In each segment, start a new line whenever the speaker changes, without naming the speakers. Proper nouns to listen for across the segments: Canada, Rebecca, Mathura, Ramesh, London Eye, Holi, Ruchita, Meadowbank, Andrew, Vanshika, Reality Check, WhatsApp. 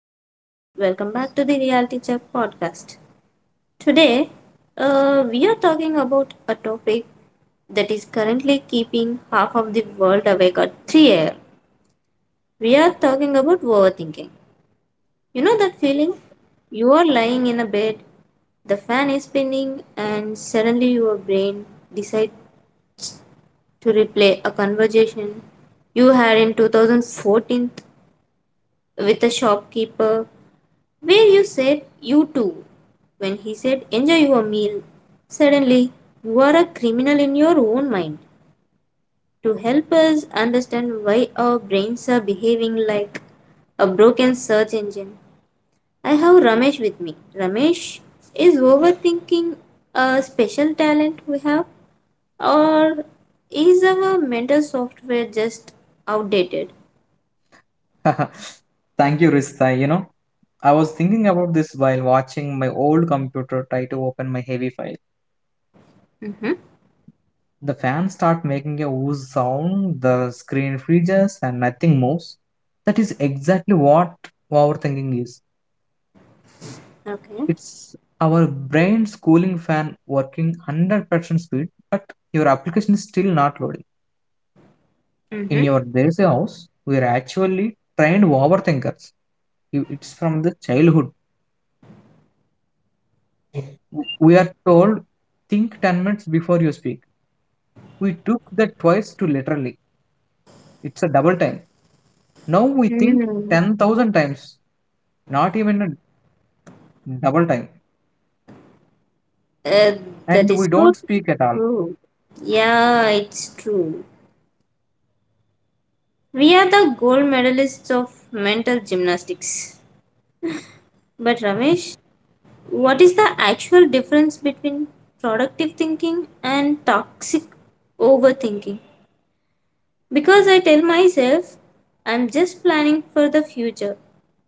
Ruchita. Welcome back to the Reality Check podcast. Today, we are talking about a topic that is currently keeping half of the world awake at 3 am. We are talking about overthinking. You know that feeling? You are lying in a bed, the fan is spinning, and suddenly your brain decides to replay a conversation you had in 2014 with the shopkeeper where you said you too when he said enjoy your meal. Suddenly, you are a criminal in your own mind. To help us understand why our brains are behaving like a broken search engine, I have Ramesh with me. Ramesh, is overthinking a special talent we have, or is our mental software just outdated?
Thank you, Rista. You know, I was thinking about this while watching my old computer try to open my heavy file.
Mm-hmm.
The fans start making a ooze sound, the screen freezes, and nothing moves. That is exactly what overthinking is.
Okay.
It's our brain's cooling fan working 100% speed, but your application is still not loading. In your days house, we are actually trained overthinkers. You- It's from the childhood. We are told, think 10 minutes before you speak. We took that twice to literally. It's a double time. Now we think
Mm-hmm.
10,000 times, not even a double time.
Uh, that
And we
is
don't
so
speak at all.
true. Yeah, it's true. We are the gold medalists of mental gymnastics. But Ramesh, what is the actual difference between productive thinking and toxic overthinking? Because I tell myself I'm just planning for the future,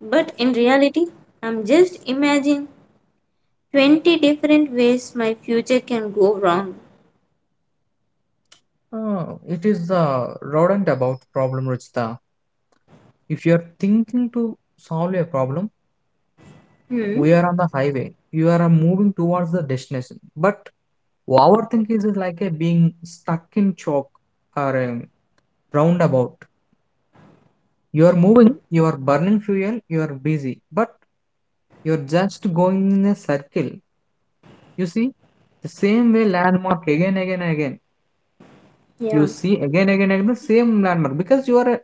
but in reality, I'm just imagining 20 different ways my future can go wrong.
Oh, it is the rodent about problem, Ruchita. If you are thinking to solve a problem,
Hmm.
we are on the highway. You are moving towards the destination. But overthinking is like a being stuck in chalk or a roundabout. You are moving, you are burning fuel, you are busy, but you're just going in a circle. You see, the same way landmark again, again, again.
Yeah.
You see again, again, again the same landmark because you are a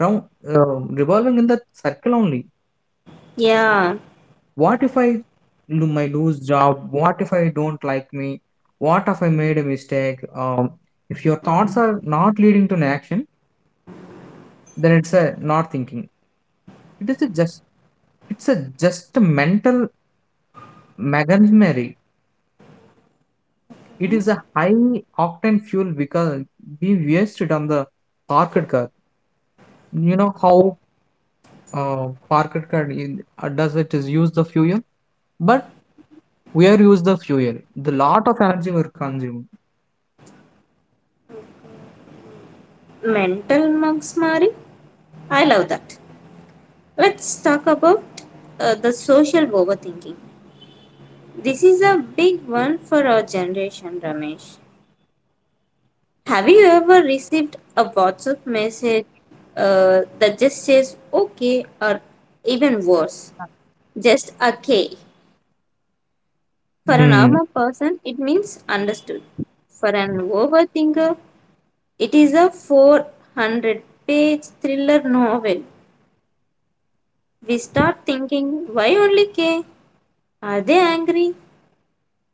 round revolving in the circle only.
Yeah.
What if I do my lose job? What if I don't like me? What if I made a mistake? If your thoughts are not leading to an action, then it's a not thinking. It is a just it's a just a mental machinery. It is a high octane fuel because we wasted on the parked car. You know how parked car in, does it is use the fuel, but we are use the fuel. The lot of energy were consumed.
Mental mugsmari, I love that. Let's talk about the social overthinking. This is a big one for our generation, Ramesh. Have you ever received a WhatsApp message, that just says okay, or even worse, just a K? For a
Mm.
normal person, it means understood. For an overthinker, it is a 400-page thriller novel. We start thinking, why only K? Are they angry?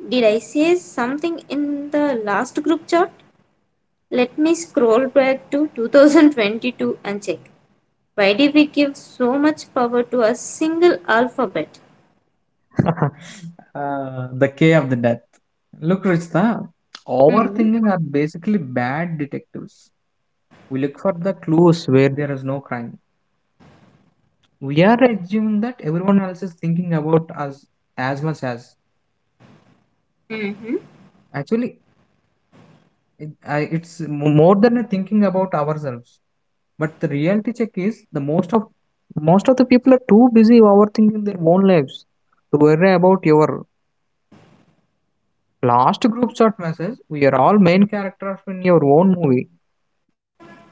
Did I say something in the last group chat? Let me scroll back to 2022 and check. Why did we give so much power to a single alphabet?
the K of the death. Look, Rishta,
Mm.
overthinking are basically bad detectives. We look for the clues where there is no crime. We are assuming that everyone else is thinking about us as much as.
Hmm.
Actually, It, I, it's mo- more than a thinking about ourselves. But the reality check is the most of the people are too busy overthinking their own lives to worry about your last group chat message. We are all main characters in your own movie,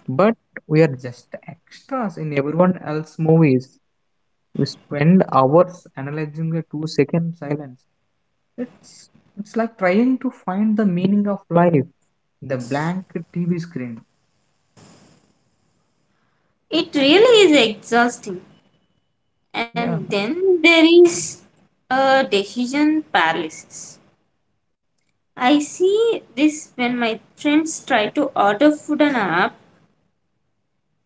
but we are just extras in everyone else's movies. We spend hours analyzing a two-second silence. It's it's like trying to find the meaning of life. The blank TV screen.
It really is exhausting.
Yeah.
And then there is a decision paralysis. I see this when my friends try to order food on an app.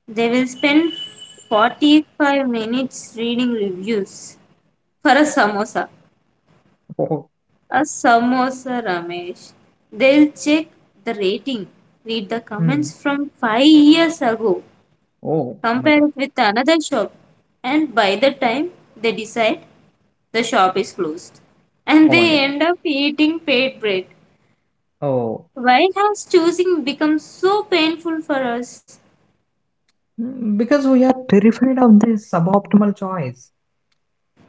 They will spend 45 minutes reading reviews for a samosa.
Oh.
A samosa, Ramesh. They'll check the rating, read the
Hmm.
comments from 5 years ago,
Oh, oh my God.
compare it with another shop, and by the time they decide, the shop is closed. And
Oh my
they
God.
end up eating paid bread.
Oh,
Why has choosing become so painful for us?
mm, because we are terrified of this suboptimal choice.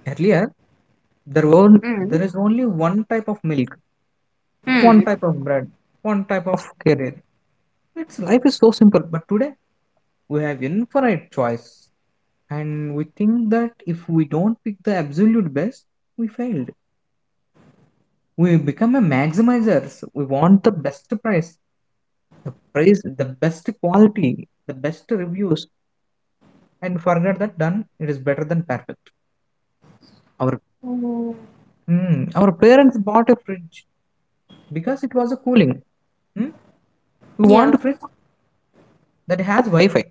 Earlier, there were there
Mm.
is only one type of milk, one
Mm.
type of bread, one type of career. It's life is so simple, but today we have infinite choice, and we think that if we don't pick the absolute best, we failed. We become a maximizers. We want the best price, the best quality, the best reviews and forget that done it is better than perfect our.
Mm.
Hmm, our parents bought a fridge because it was a cooling. Hmm, we
Yeah.
want a fridge that has wi-fi,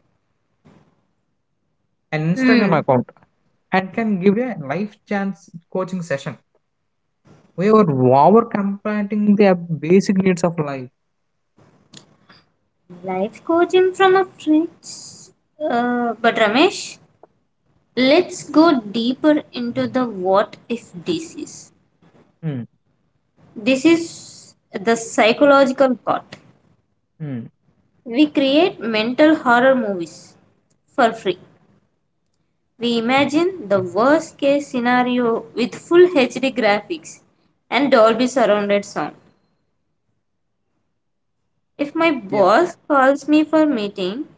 an instagram
Hmm.
account, and can give a life chance coaching session. We were over completing the basic needs of life.
Life coaching from a fridge. But Ramesh, let's go deeper into the what if disease.
Hmm,
This is the psychological part.
hmm,
We create mental horror movies for free. We imagine the worst case scenario with full HD graphics and Dolby surrounded sound. If my
yeah.
boss calls me for meeting,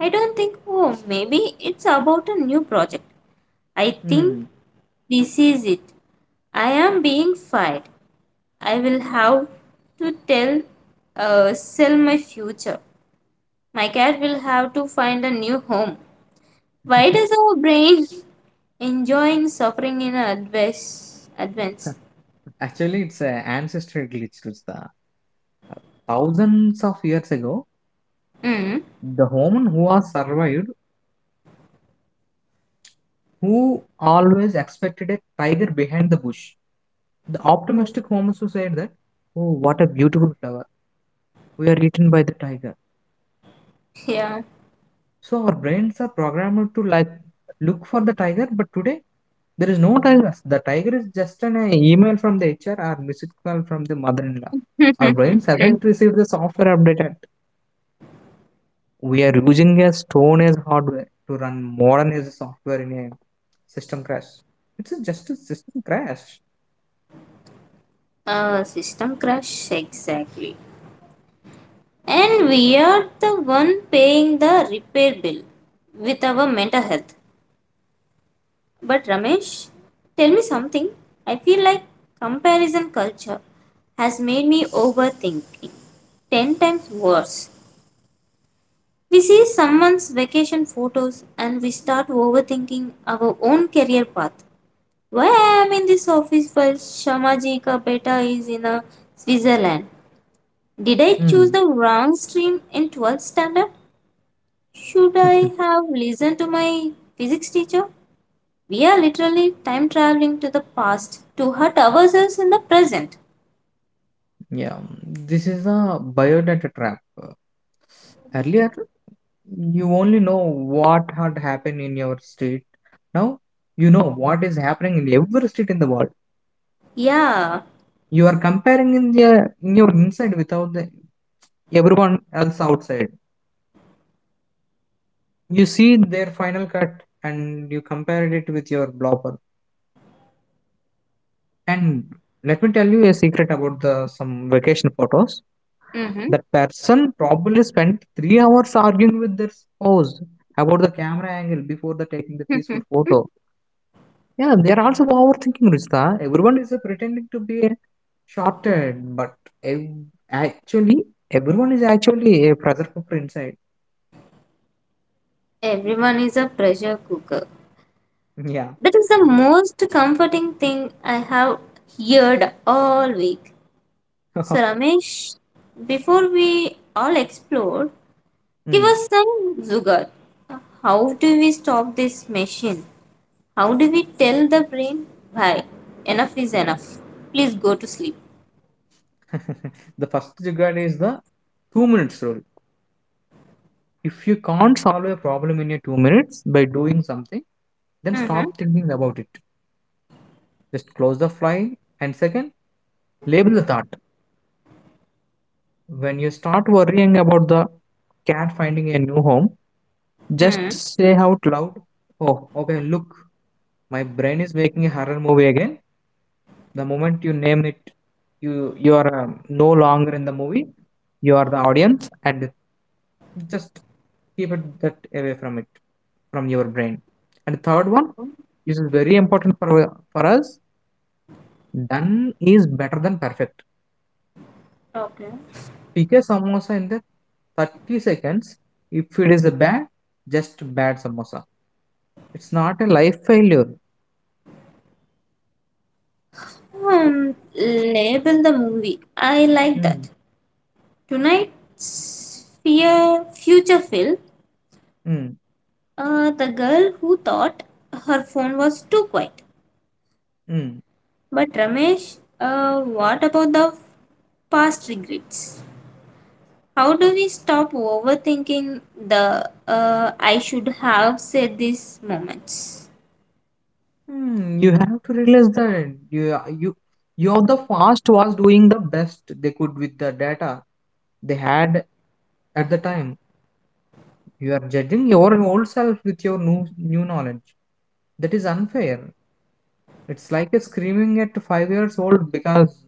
I don't think, oh, maybe it's about a new project. I think
Hmm.
this is it. I am being fired. I will have to tell, sell my future. My cat will have to find a new home. Why does our brain enjoying suffering in advance? Advance.
actually it's an ancestral glitch. It's The Thousands of years ago
Hmm.
the human who has survived who always expected a tiger behind the bush. The optimistic Homer said that, oh, what a beautiful flower. We are eaten by the tiger.
Yeah.
So our brains are programmed to like look for the tiger, but today there is no tiger. The tiger is just an email from the HR or missed call from the mother-in-law. Our brains haven't received the software update yet. We are using a stone as hardware to run modern as software in a system crash. Just a system crash.
System crash. Exactly. And we are the one paying the repair bill with our mental health. But Ramesh, tell me something. I feel like comparison culture has made me overthinking 10 times worse. We see someone's vacation photos and we start overthinking our own career path. Why I am in this office while Shamaji ka beta is in a Switzerland? Did I choose
Hmm.
the wrong stream in 12th standard? Should I have listened to my physics teacher? We are literally time traveling to the past to hurt ourselves in the present.
Yeah, this is a biodata trap. Earlier, you only know what had happened in your state. Now, you know what is happening in every state in the world.
Yeah.
You are comparing in, the, in your inside without the, everyone else outside. You see their final cut and you compare it with your blobber. And let me tell you a secret about the some vacation photos.
Mm-hmm.
That person probably spent 3 hours arguing with their spouse about the camera angle before the taking the peaceful photo. Yeah, they are also overthinking, Rishta. Everyone is pretending to be shorted, but ev- actually, everyone is actually a pressure cooker inside.
Everyone is a pressure cooker.
Yeah.
That is the most comforting thing I have heard all week. So, Ramesh, before we all explore, give
Hmm.
us some zugar. How do we stop this machine? How do we tell the brain, bye, enough is enough? Please go to sleep.
the first jugaad is the 2 minutes rule. If you can't solve a problem in your 2 minutes by doing something, then
Mm-hmm.
stop thinking about it. Just close the file and second, label the thought. When you start worrying about the cat finding a new home, just say out loud, oh, okay, look, my brain is making a horror movie again. The moment you name it, you are no longer in the movie. You are the audience, and just keep it that away from it, from your brain. And third one, this is very important for us. Done is better than perfect pick a samosa in the 30 seconds. If it is bad, just bad samosa. It's not a life failure.
Hmm, label the movie. I like
Mm,
that. Tonight's fear, future film,
mm,
the girl who thought her phone was too quiet.
mm,
But Ramesh, what about the past regrets? How do we stop overthinking the I should have said these moments?
mm. You have to realize that you you are the fast was doing the best they could with the data they had at the time. You are judging your old self with your new knowledge. That is unfair. It's like a screaming at 5 years old because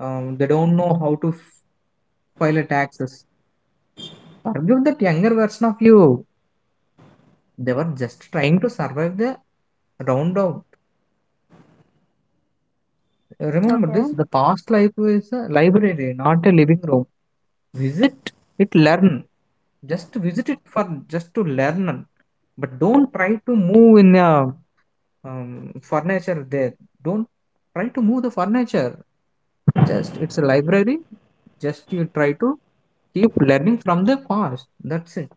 they don't know how to file a taxes. Forgive that younger version of you. They were just trying to survive the round out. Remember
Okay.
this the past life is a library, not a living room. Visit it, learn. Just visit it for just to learn. But don't try to move in the furniture there. Don't try to move the furniture. Just it's a library. Just you try to keep learning from the past. That's it.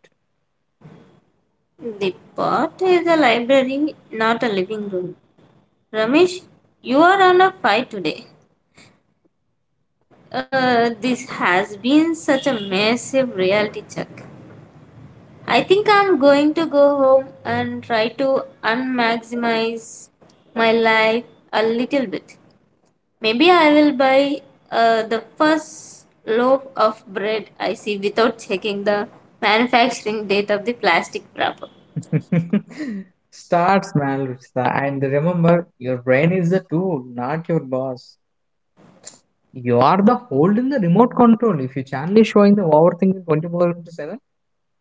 The pot is a library, not a living room. Ramesh, you are on a fight today. This has been such a massive reality check. I think I'm going to go home and try to unmaximize my life a little bit. Maybe I will buy the first loaf of bread I see without checking the manufacturing date of the plastic wrapper.
Start small, Ruchita, and remember your brain is the tool, not your boss. You are the hold in the remote control. If your channel is showing the overthinking 24 into 7,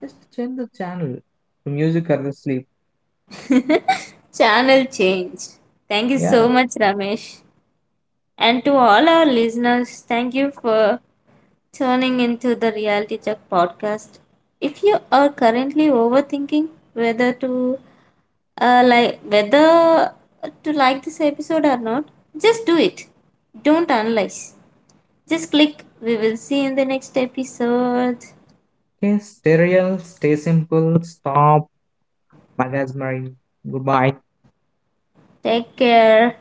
just change the channel to music or the sleep.
Channel changed. Thank you
Yeah,
so much, Ramesh. And to all our listeners, thank you for tuning into the Reality Check podcast. If you are currently overthinking whether to whether to like this episode or not, just do it. Don't analyze. Just click. We will see you in the next episode.
okay, stay real, stay simple, stop, magazine, goodbye.
Take care.